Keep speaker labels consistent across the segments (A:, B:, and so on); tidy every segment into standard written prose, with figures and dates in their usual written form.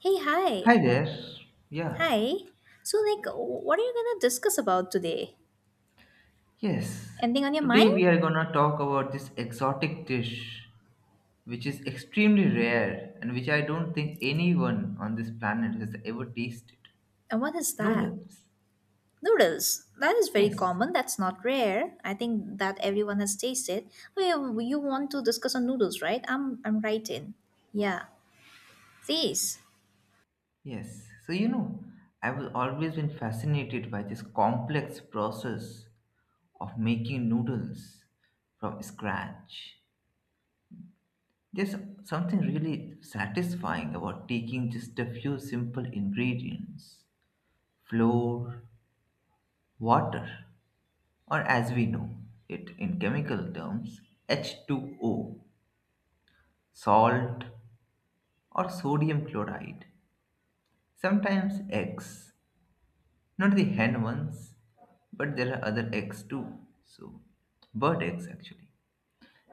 A: Hey,
B: Hi
A: hi.
B: there. Yeah.
A: Hi. So, like, what are you gonna discuss about today?
B: Yes.
A: Anything on your mind?
B: Today we are gonna talk about this exotic dish which is extremely rare and which I don't think anyone on this planet has ever tasted.
A: And what is that?
B: Noodles.
A: Noodles. That is very
B: Yes.
A: common. That's not rare. I think that everyone has tasted. Well, you want to discuss on noodles, right? I'm right in. Yeah. Please.
B: Yes. So you know, I was always been fascinated by this complex process of making noodles from scratch. There's something really satisfying about taking just a few simple ingredients floor, water, or as we know it in chemical terms, H2O, salt, or sodium chloride. Sometimes eggs, not the hen ones, but there are other eggs too. So, bird eggs actually,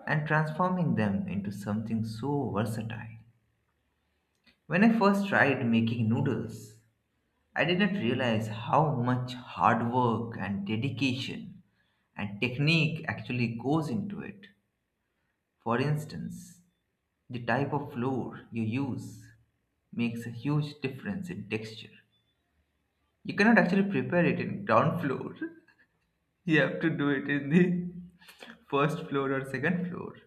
B: and transforming them into something so versatile. When I first tried making noodles, I did not realize how much hard work and dedication and technique actually goes into it. For instance, the type of flour you use makes a huge difference in texture. You cannot actually prepare it in ground floor. You have to do it in the first floor or second floor.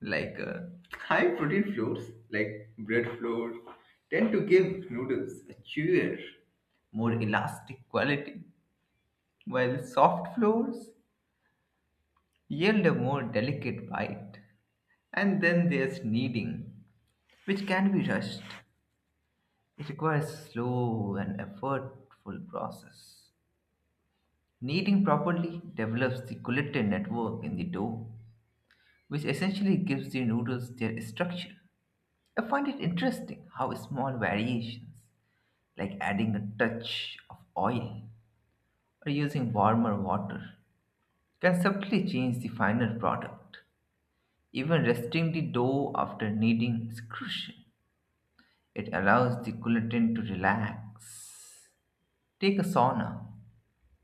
B: Like high protein flours, like bread flour, tend to give noodles a chewier, more elastic quality, while soft flours yield a more delicate bite. And then there's kneading, which can be rushed. It requires slow and effortful process. Kneading properly develops the gluten network in the dough, which essentially gives the noodles their structure. I find it interesting how small variations, like adding a touch of oil or using warmer water, can subtly change the final product. Even resting the dough after kneading is crucial. It allows the gluten to relax, take a sauna,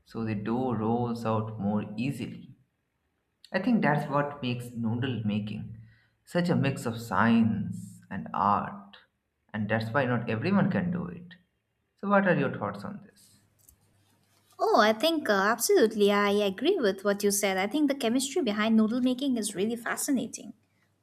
B: so the dough rolls out more easily. I think that's what makes noodle making such a mix of science and art, and that's why not everyone can do it. So, what are your thoughts on this?
A: Oh, I think absolutely. I agree with what you said. I think the chemistry behind noodle making is really fascinating.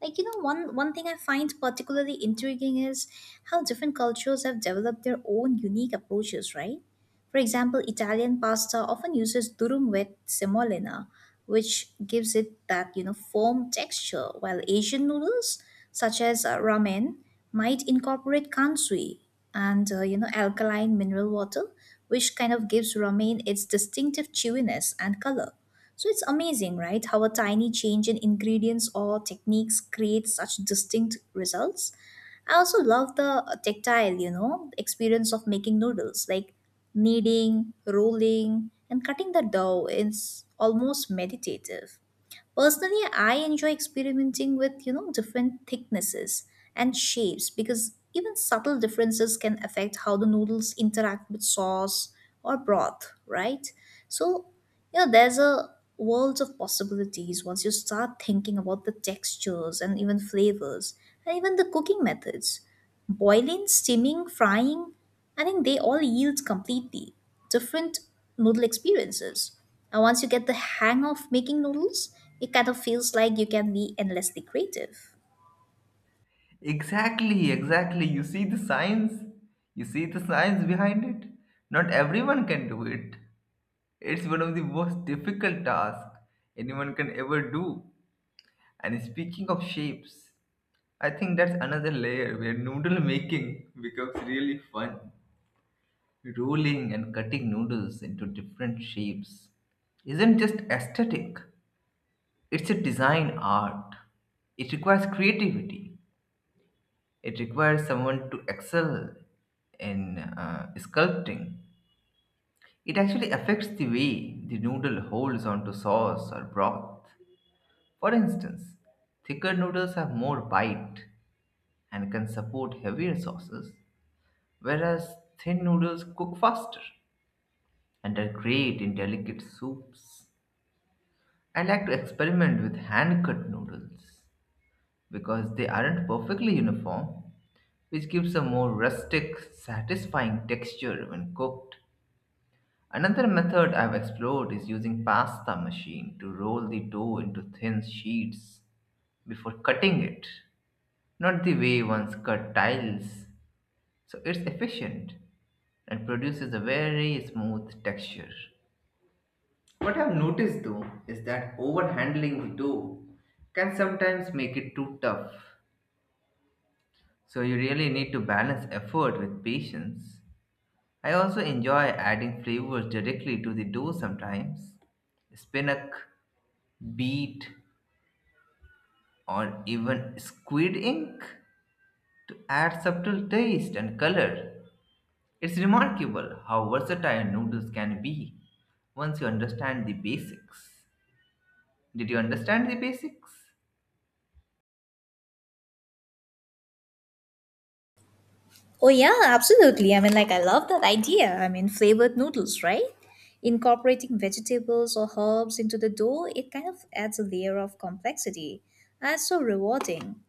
A: One thing I find particularly intriguing is how different cultures have developed their own unique approaches, right? For example, Italian pasta often uses durum with semolina, which gives it that uniform texture, while Asian noodles, such as ramen, might incorporate kansui and alkaline mineral water, which kind of gives ramen its distinctive chewiness and color. So it's amazing, right? How a tiny change in ingredients or techniques creates such distinct results. I also love the tactile, experience of making noodles, like kneading, rolling, and cutting the dough is almost meditative. Personally, I enjoy experimenting with, different thicknesses and shapes because even subtle differences can affect how the noodles interact with sauce or broth, right? So, there's a world of possibilities once you start thinking about the textures and even flavors and even the cooking methods. Boiling, steaming, frying, I think they all yield completely different noodle experiences. And once you get the hang of making noodles, it kind of feels like you can be endlessly creative.
B: Exactly, exactly. You see the science, you see the science behind it. Not everyone can do it. It's one of the most difficult tasks anyone can ever do. And speaking of shapes, I think that's another layer where noodle making becomes really fun. Rolling and cutting noodles into different shapes isn't just aesthetic, it's a design art. It requires creativity, it requires someone to excel in sculpting. It actually affects the way the noodle holds onto sauce or broth. For instance, thicker noodles have more bite and can support heavier sauces, whereas thin noodles cook faster and are great in delicate soups. I like to experiment with hand cut noodles because they aren't perfectly uniform, which gives a more rustic, satisfying texture when cooked. Another method I've explored is using pasta machine to roll the dough into thin sheets before cutting it, not the way one's cut tiles. So it's efficient and produces a very smooth texture. What I've noticed though is that overhandling the dough can sometimes make it too tough. So you really need to balance effort with patience. I also enjoy adding flavors directly to the dough sometimes. Spinach, beet, or even squid ink to add subtle taste and color. It's remarkable how versatile noodles can be once you understand the basics. Did you understand the basics?
A: Oh, yeah, absolutely. I mean, like, I love that idea. I mean, flavored noodles, right? Incorporating vegetables or herbs into the dough, it kind of adds a layer of complexity. That's so rewarding.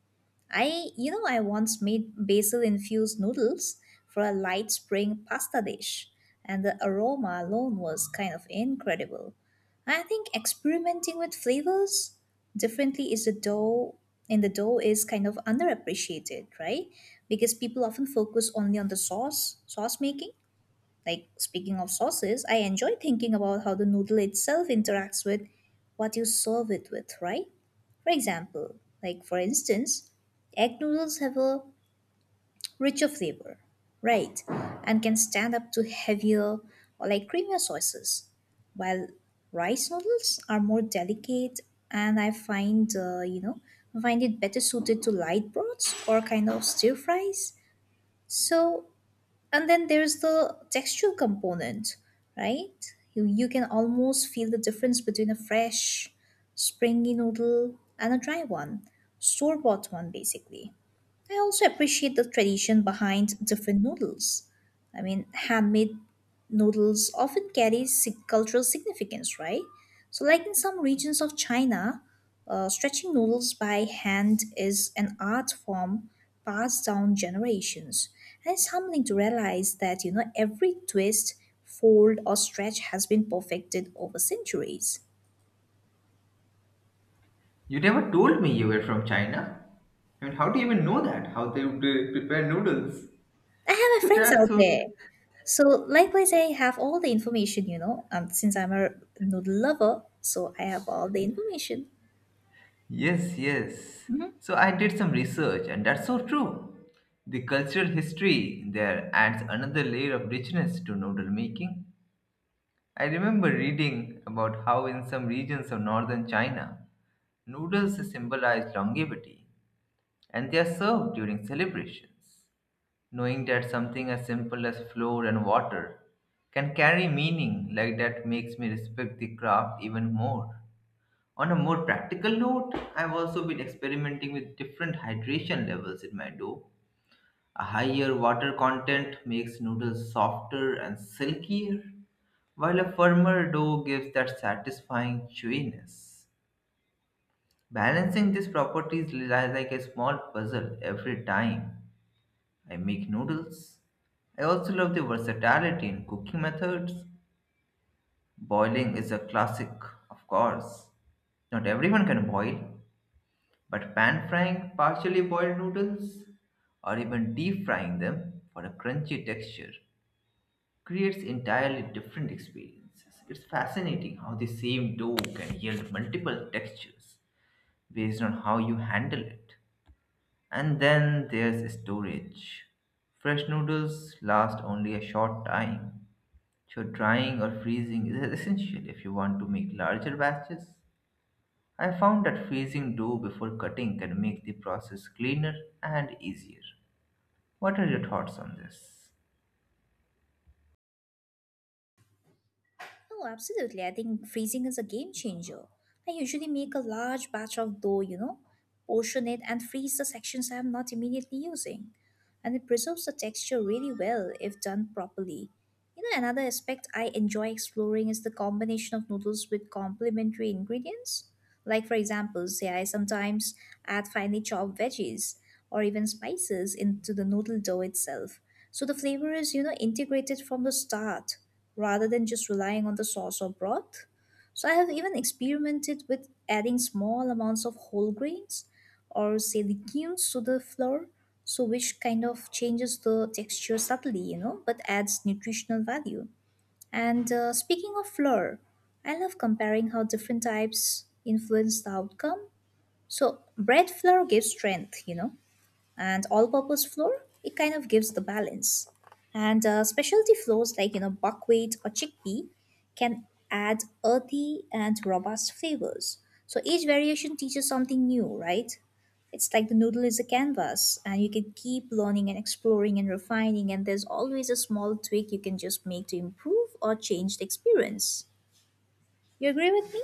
A: I once made basil infused noodles for a light spring pasta dish, and the aroma alone was kind of incredible. I think experimenting with flavors differently is the dough in the dough is kind of underappreciated, right? Because people often focus only on the sauce making. Like speaking of sauces, I enjoy thinking about how the noodle itself interacts with what you serve it with, right? For example, like for instance, egg noodles have a richer flavor, right? And can stand up to heavier or like creamier sauces, while rice noodles are more delicate and I find, I find it better suited to light broths or kind of stir fries. So and then there's the textual component, right? You can almost feel the difference between a fresh springy noodle and a dry one, store bought one basically. I also appreciate the tradition behind different noodles. I mean, handmade noodles often carry cultural significance, right? So, like in some regions of China, stretching noodles by hand is an art form passed down generations. And it's humbling to realize that, every twist, fold, or stretch has been perfected over centuries.
B: You never told me you were from China. I mean, how do you even know that? How they prepare noodles?
A: I have my
B: So
A: friends
B: that's
A: out
B: so.
A: there. So likewise, I have all the information, and since I'm a noodle lover, so I have all the information.
B: Yes, yes.
A: Hmm.
B: So I did some research, and that's so true. The cultural history there adds another layer of richness to noodle making. I remember reading about how, in some regions of northern China, noodles symbolize longevity and they are served during celebrations. Knowing that something as simple as flour and water can carry meaning like that makes me respect the craft even more. On a more practical note, I've also been experimenting with different hydration levels in my dough. A higher water content makes noodles softer and silkier, while a firmer dough gives that satisfying chewiness. Balancing these properties lies like a small puzzle every time I make noodles. I also love the versatility in cooking methods. Boiling is a classic, of course. Not everyone can boil, but pan frying partially boiled noodles or even deep frying them for a crunchy texture creates entirely different experiences. It's fascinating how the same dough can yield multiple textures based on how you handle it. And then there's storage. Fresh noodles last only a short time, so drying or freezing is essential if you want to make larger batches. I found that freezing dough before cutting can make the process cleaner and easier. What are your thoughts on this?
A: Oh, absolutely. I think freezing is a game changer. I usually make a large batch of dough, portion it and freeze the sections I'm not immediately using. And it preserves the texture really well if done properly. Another aspect I enjoy exploring is the combination of noodles with complementary ingredients. Like, for example, say I sometimes add finely chopped veggies or even spices into the noodle dough itself. So the flavor is, integrated from the start rather than just relying on the sauce or broth. So I have even experimented with adding small amounts of whole grains or say legumes to the flour, so which kind of changes the texture subtly, but adds nutritional value. And speaking of flour, I love comparing how different types influence the outcome. So, bread flour gives strength, and all-purpose flour it kind of gives the balance and specialty flours like buckwheat or chickpea can add earthy and robust flavors. So each variation teaches something new, right? It's like the noodle is a canvas and you can keep learning and exploring and refining, and there's always a small tweak you can just make to improve or change the experience. You agree with me?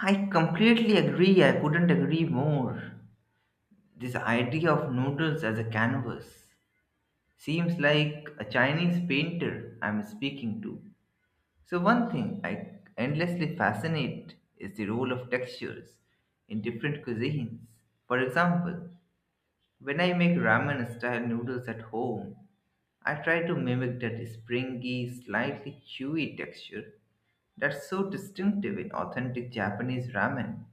B: I completely agree. I couldn't agree more. This idea of noodles as a canvas seems like a Chinese painter I'm speaking to. So one thing I endlessly fascinate is the role of textures in different cuisines. For example, when I make ramen style noodles at home, I try to mimic that springy, slightly chewy texture that's so distinctive in authentic Japanese ramen.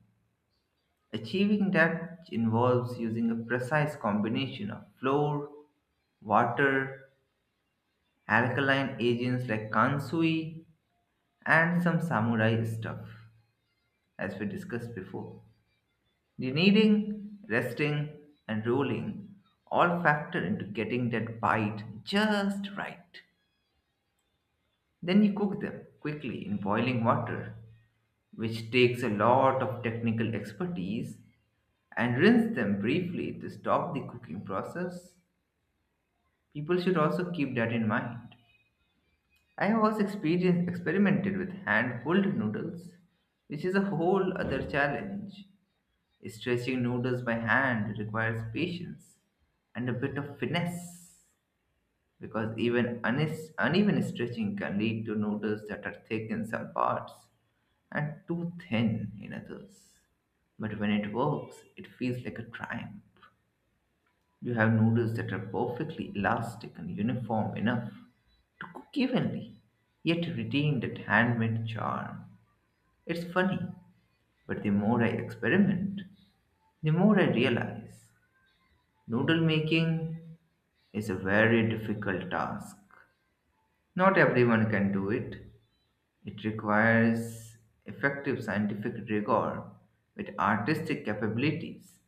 B: Achieving that involves using a precise combination of flour, water, alkaline agents like kansui, and some samurai stuff, as we discussed before. The kneading, resting, and rolling all factor into getting that bite just right. Then you cook them quickly in boiling water, which takes a lot of technical expertise, and rinse them briefly to stop the cooking process. People should also keep that in mind. I have also experienced experimented with hand pulled noodles, which is a whole other challenge. Stretching noodles by hand requires patience and a bit of finesse because even uneven stretching can lead to noodles that are thick in some parts and too thin in others. But when it works, it feels like a triumph. You have noodles that are perfectly elastic and uniform enough to cook evenly, yet retain that handmade charm. It's funny, but the more I experiment, the more I realize noodle making is a very difficult task. Not everyone can do it. It requires effective scientific rigor with artistic capabilities.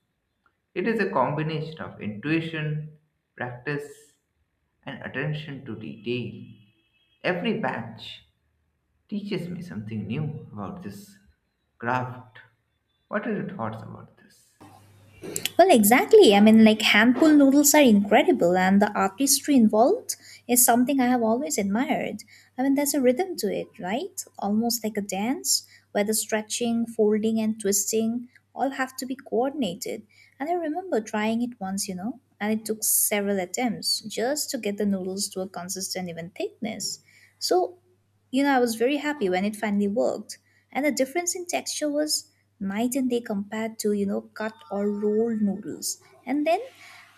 B: It is a combination of intuition, practice, and attention to detail. Every batch teaches me something new about this craft. What are your thoughts about this?
A: Well, exactly. I mean, like hand-pulled noodles are incredible, and the artistry involved is something I have always admired. I mean, there's a rhythm to it, right? Almost like a dance, where the stretching, folding, and twisting all have to be coordinated. And I remember trying it once, and it took several attempts just to get the noodles to a consistent, even thickness. So, I was very happy when it finally worked. And the difference in texture was night and day compared to, cut or rolled noodles. And then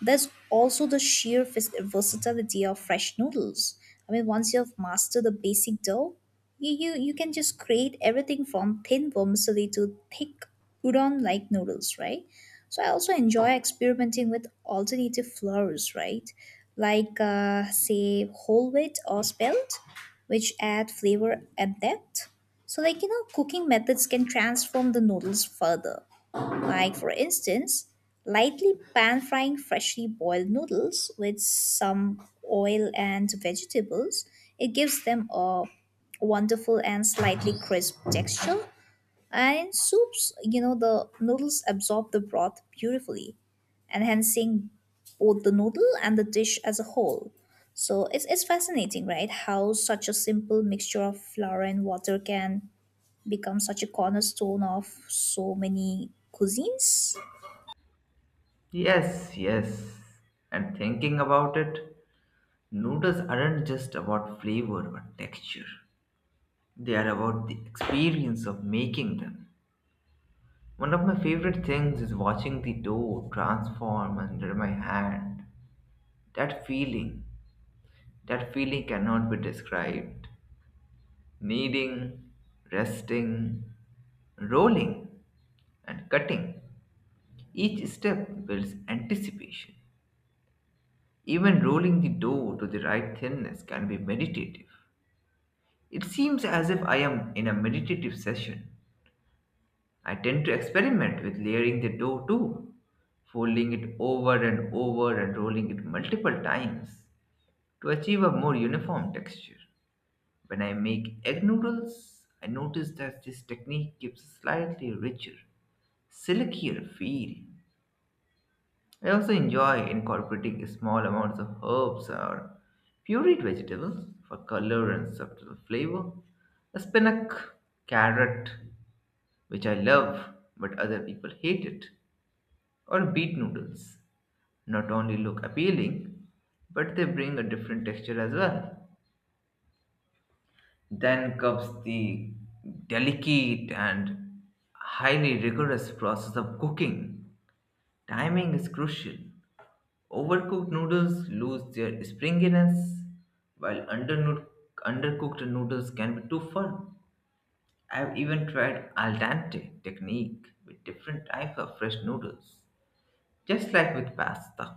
A: there's also the sheer versatility of fresh noodles. I mean, once you've mastered the basic dough, you can just create everything from thin vermicelli to thick udon like noodles, right? So I also enjoy experimenting with alternative flours, right? Like, say, whole wheat or spelt, which add flavor and depth. So, cooking methods can transform the noodles further. Like, for instance, lightly pan frying freshly boiled noodles with some oil and vegetables, it gives them a wonderful and slightly crisp texture. And in soups, the noodles absorb the broth beautifully, enhancing both the noodle and the dish as a whole. So it's fascinating, right? How such a simple mixture of flour and water can become such a cornerstone of so many cuisines.
B: Yes, yes. And thinking about it, noodles aren't just about flavor or texture, they are about the experience of making them. One of my favorite things is watching the dough transform under my hand. That feeling, that feeling cannot be described. Kneading, resting, rolling, and cutting. Each step builds anticipation. Even rolling the dough to the right thinness can be meditative. It seems as if I am in a meditative session. I tend to experiment with layering the dough too, folding it over and over and rolling it multiple times to achieve a more uniform texture. When I make egg noodles, I notice that this technique gives a slightly richer, silkier feel. I also enjoy incorporating small amounts of herbs or pureed vegetables for color and subtle flavor. A spinach, carrot, which I love but other people hate it, or beet noodles not only look appealing, but they bring a different texture as well. Then comes the delicate and highly rigorous process of cooking. Timing is crucial. Overcooked noodles lose their springiness, while undercooked noodles can be too firm. I've even tried al dente technique with different types of fresh noodles, just like with pasta.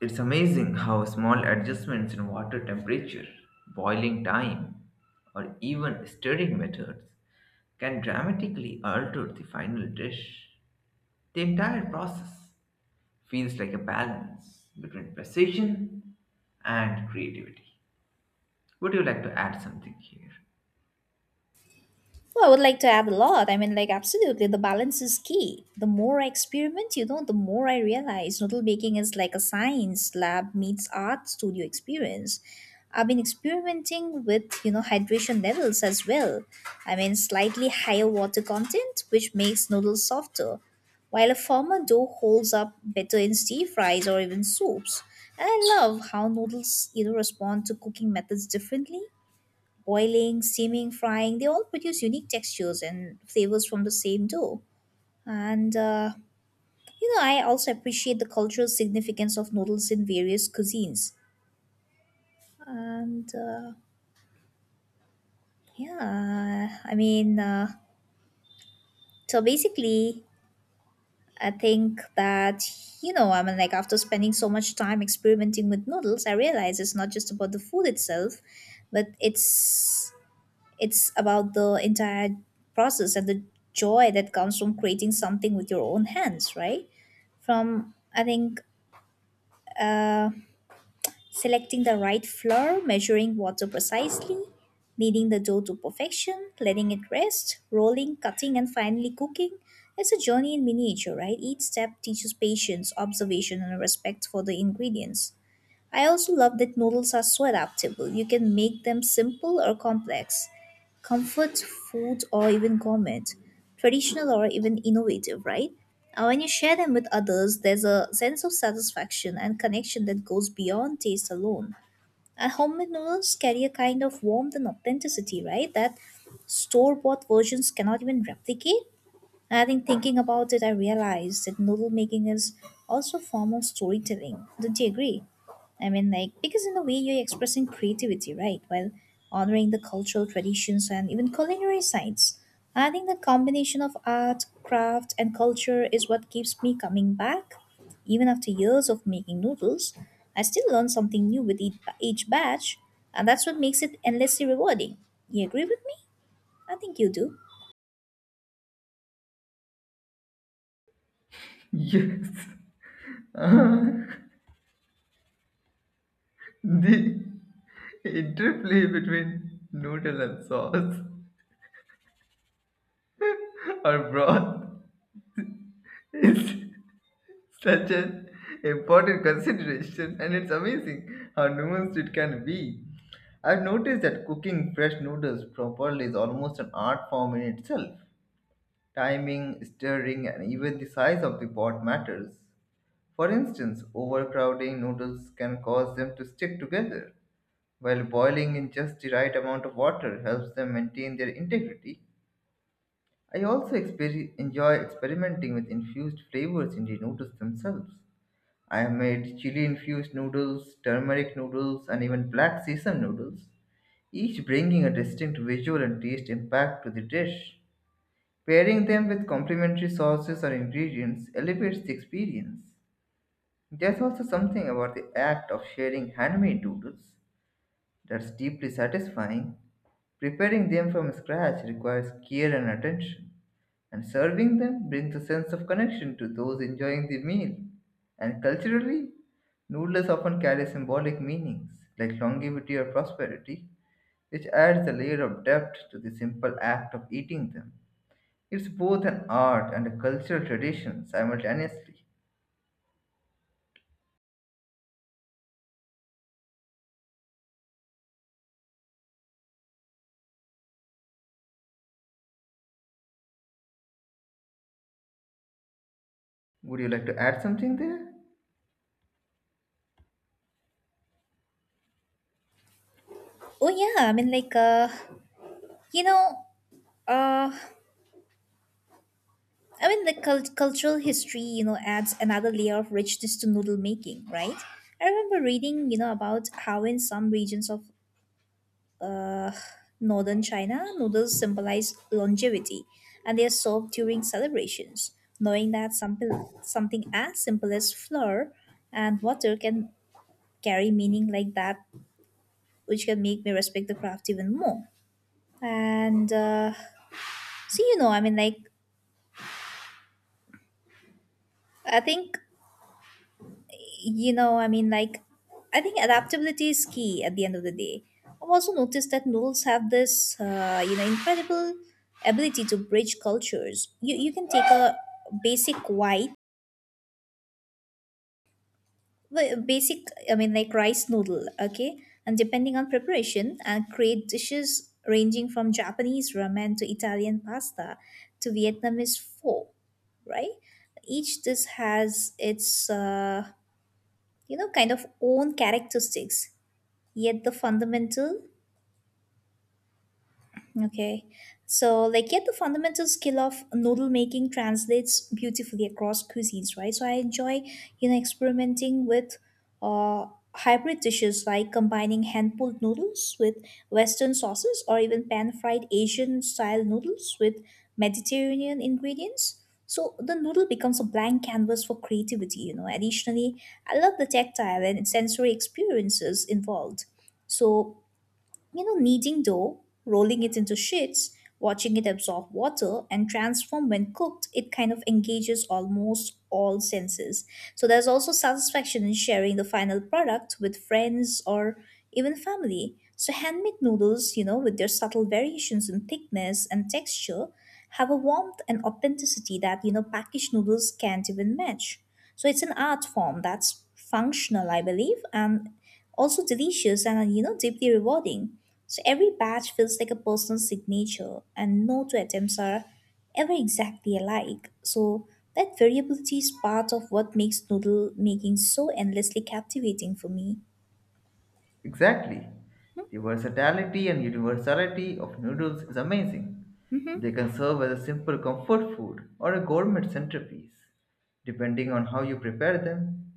B: It's amazing how small adjustments in water temperature, boiling time, or even stirring methods can dramatically alter the final dish. The entire process feels like a balance between precision and creativity. Would you like to add something here?
A: Well, I would like to add a lot. I mean, like, absolutely, the balance is key. The more I experiment, the more I realize noodle baking is like a science lab meets art studio experience. I've been experimenting with, hydration levels as well. I mean, slightly higher water content, which makes noodles softer, while a firmer dough holds up better in stir fries or even soups. And I love how noodles, respond to cooking methods differently. Boiling, steaming, frying, they all produce unique textures and flavors from the same dough. And, I also appreciate the cultural significance of noodles in various cuisines. And, yeah, I mean, so basically, I think that, after spending so much time experimenting with noodles, I realize it's not just about the food itself, but it's about the entire process and the joy that comes from creating something with your own hands, right? I think, uh, selecting the right flour, measuring water precisely, kneading the dough to perfection, letting it rest, rolling, cutting, and finally cooking. It's a journey in miniature, right? Each step teaches patience, observation, and respect for the ingredients. I also love that noodles are so adaptable. You can make them simple or complex, comfort food or even gourmet, traditional or even innovative, right? And when you share them with others, there's a sense of satisfaction and connection that goes beyond taste alone. And homemade noodles carry a kind of warmth and authenticity, right? That store bought versions cannot even replicate. And I think thinking about it, I realized that novel making is also a form of storytelling. Don't you agree? I mean, like, because in a way you're expressing creativity, right? While honoring the cultural traditions and even culinary sites. I think the combination of art, craft, and culture is what keeps me coming back. Even after years of making noodles, I still learn something new with each batch, and that's what makes it endlessly rewarding. You agree with me? I think you do.
B: Yes. Uh, the interplay between noodle and sauce or broth is such an important consideration, and it's amazing how nuanced it can be. I've noticed that cooking fresh noodles properly is almost an art form in itself. Timing, stirring, and even the size of the pot matters. For instance, overcrowding noodles can cause them to stick together, while boiling in just the right amount of water helps them maintain their integrity. I also enjoy experimenting with infused flavors in the noodles themselves. I have made chili infused noodles, turmeric noodles, and even black sesame noodles, each bringing a distinct visual and taste impact to the dish. Pairing them with complementary sauces or ingredients elevates the experience. There's also something about the act of sharing handmade noodles that's deeply satisfying. Preparing them from scratch requires care and attention, and serving them brings a sense of connection to those enjoying the meal. And culturally, noodles often carry symbolic meanings like longevity or prosperity, which adds a layer of depth to the simple act of eating them. It's both an art and a cultural tradition simultaneously. Would you like to add something there?
A: Oh, yeah. You know, Uh, I mean, the cultural history, adds another layer of richness to noodle making, right? I remember reading, about how in some regions of uh, northern China, noodles symbolize longevity, and they are served during celebrations. Knowing that simple, something as simple as flour and water can carry meaning like that, which can make me respect the craft even more. And so, you know, I mean, like, I think you know, I mean, like, I think adaptability is key at the end of the day. I've also noticed that noodles have this, incredible ability to bridge cultures. You can take a basic white, basic, I mean, like rice noodle, okay, and depending on preparation, and create dishes ranging from Japanese ramen to Italian pasta to Vietnamese pho, right? Each dish has its, kind of own characteristics yet the fundamental okay yet the fundamental skill of noodle making translates beautifully across cuisines, right? So I enjoy, you know, experimenting with uh hybrid dishes like combining hand pulled noodles with western sauces, or even pan fried asian style noodles with mediterranean ingredients. So the noodle becomes a blank canvas for creativity, you know. Additionally, I love the tactile and sensory experiences involved. So, kneading dough, rolling it into sheets, watching it absorb water and transform when cooked, it kind of engages almost all senses. So there's also satisfaction in sharing the final product with friends or even family. So handmade noodles, with their subtle variations in thickness and texture, have a warmth and authenticity that packaged noodles can't even match. So it's an art form that's functional, I believe, and also delicious and deeply rewarding. So every batch feels like a personal signature and no two attempts are ever exactly alike, so that variability is part of what makes noodle making so endlessly captivating for me.
B: Exactly. The versatility and universality of noodles is amazing. They can serve as a simple comfort food or a gourmet centerpiece, depending on how you prepare them.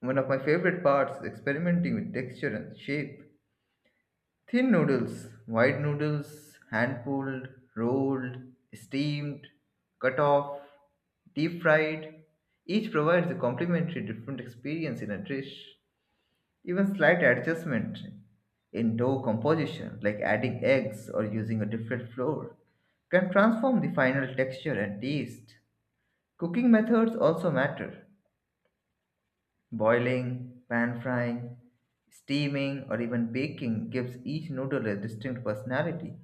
B: One of my favorite parts is experimenting with texture and shape. Thin noodles, wide noodles, hand pulled, rolled, steamed, cut off, deep fried, each provides a complementary different experience in a dish. Even slight adjustment in dough composition, like adding eggs or using a different flour, can transform the final texture and taste. Cooking methods also matter. Boiling, pan frying, steaming, or even baking gives each noodle a distinct personality.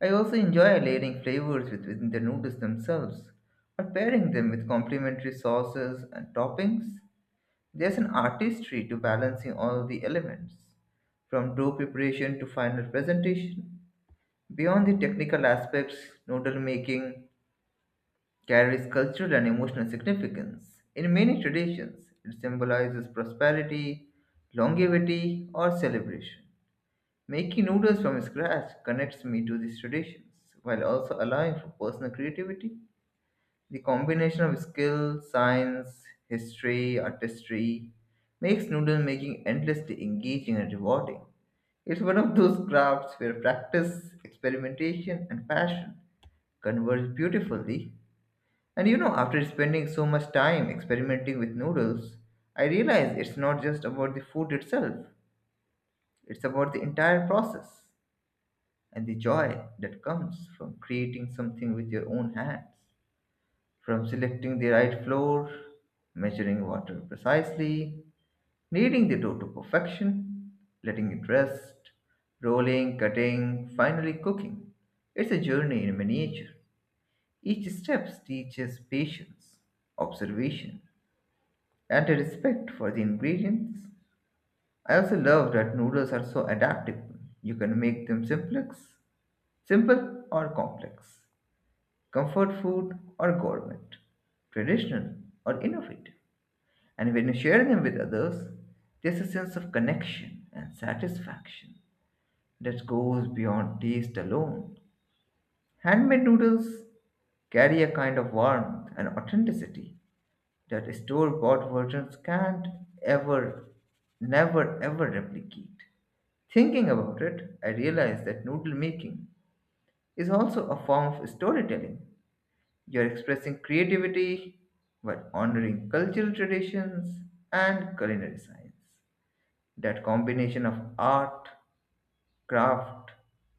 B: I also enjoy layering flavors within the noodles themselves or pairing them with complementary sauces and toppings. There's an artistry to balancing all the elements, from dough preparation to final presentation. Beyond the technical aspects, noodle making carries cultural and emotional significance. In many traditions, it symbolizes prosperity, longevity, or celebration. Making noodles from scratch connects me to these traditions while also allowing for personal creativity. The combination of skill, science, history, artistry makes noodle making endlessly engaging and rewarding. It's one of those crafts where practice, experimentation, and passion converge beautifully. And you know, after spending so much time experimenting with noodles, I realize it's not just about the food itself, it's about the entire process and the joy that comes from creating something with your own hands. From selecting the right floor, measuring water precisely, kneading the dough to perfection, letting it rest, rolling, cutting, finally cooking. It's a journey in miniature. Each step teaches patience, observation, and a respect for the ingredients. I also love that noodles are so adaptable. You can make them simple or complex, comfort food or gourmet, traditional or innovative. And when you share them with others, there's a sense of connection and satisfaction that goes beyond taste alone. Handmade noodles carry a kind of warmth and authenticity that store bought versions can't ever, never, ever replicate. Thinking about it, I realize that noodle making is also a form of storytelling. You're expressing creativity while honoring cultural traditions and culinary science. That combination of art, craft,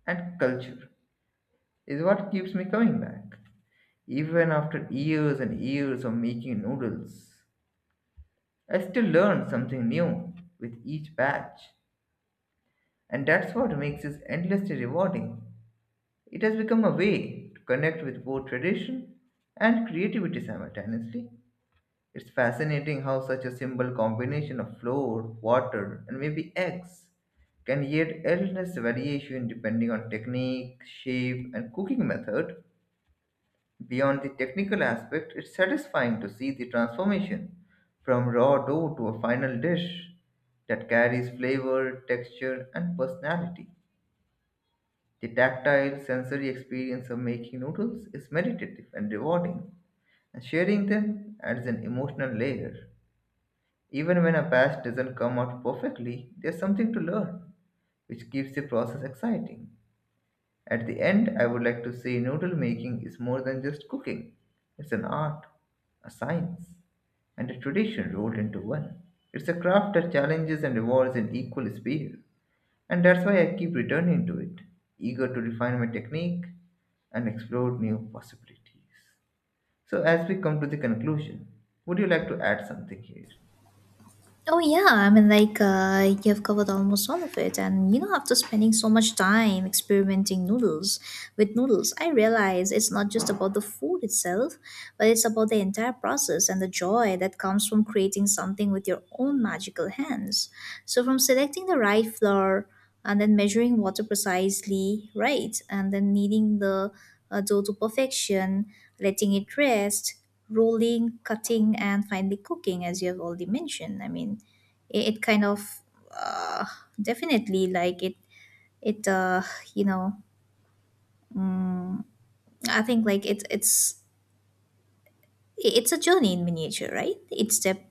B: and culture is what keeps me coming back. Even after years and years of making noodles, I still learn something new with each batch, and that's what makes this endlessly rewarding. It has become a way to connect with both tradition and creativity simultaneously. It's fascinating how such a simple combination of flour, water, and maybe eggs can yield endless variation depending on technique, shape, and cooking method. Beyond the technical aspect, it's satisfying to see the transformation from raw dough to a final dish that carries flavor, texture, and personality. The tactile sensory experience of making noodles is meditative and rewarding, and sharing them adds an emotional layer. Even when a patch doesn't come out perfectly, there's something to learn, which keeps the process exciting. At the end, I would like to say noodle making is more than just cooking. It's an art, a science, and a tradition rolled into one. It's a craft that challenges and rewards in equal speed, and that's why I keep returning to it, eager to refine my technique and explore new possibilities. So, as we come to the conclusion, would you like to add something here?
A: Oh yeah, I mean like you've covered almost all of it, and you know after spending so much time experimenting noodles with noodles, I realize it's not just about the food itself, but it's about the entire process and the joy that comes from creating something with your own magical hands. So from selecting the right flour and then measuring water precisely, right, and then kneading the dough to perfection, letting it rest, rolling, cutting, and finally cooking as you have already mentioned. I mean, it kind of uh, definitely like it you know mm, I think like it's it's a journey in miniature, right? Each step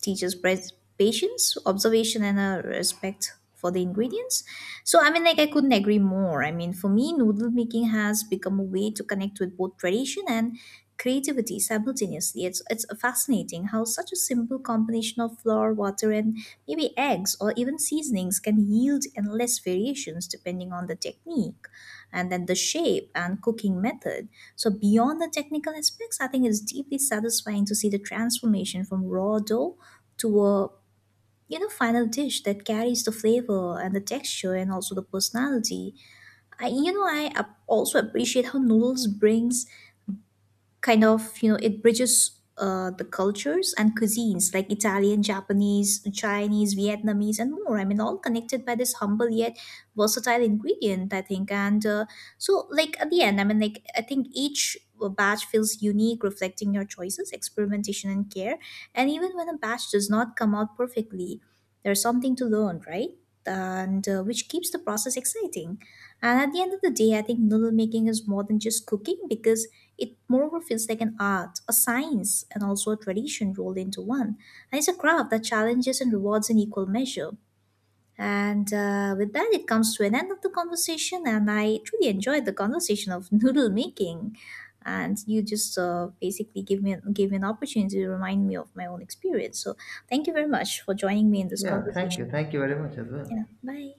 A: teaches patience, observation, and a respect for the ingredients. So, I mean, like, I couldn't agree more. I mean, for me, noodle making has become a way to connect with both tradition and creativity simultaneously. It's fascinating how such a simple combination of flour, water, and maybe eggs or even seasonings can yield endless variations depending on the technique and then the shape and cooking method. So beyond the technical aspects, I think it's deeply satisfying to see the transformation from raw dough to a final dish that carries the flavor and the texture and also the personality. I you know I ap- also appreciate how noodles brings kind of you know it bridges the cultures and cuisines like Italian, Japanese, Chinese, Vietnamese, and more. I mean, all connected by this humble yet versatile ingredient, I think. And so, like at the end, I mean, like I think each batch feels unique, reflecting your choices, experimentation, and care. And even when a batch does not come out perfectly, there's something to learn, right? And Which keeps the process exciting. And at the end of the day, I think noodle making is more than just cooking because it moreover feels like an art, a science, and also a tradition rolled into one. And it's a craft that challenges and rewards in equal measure. And with that, it comes to an end of the conversation. And I truly enjoyed the conversation of noodle making. And you just basically gave me an opportunity to remind me of my own experience. So thank you very much for joining me in this
B: Yeah, thank
A: conversation.
B: you. Thank you very much as well.
A: Yeah, bye.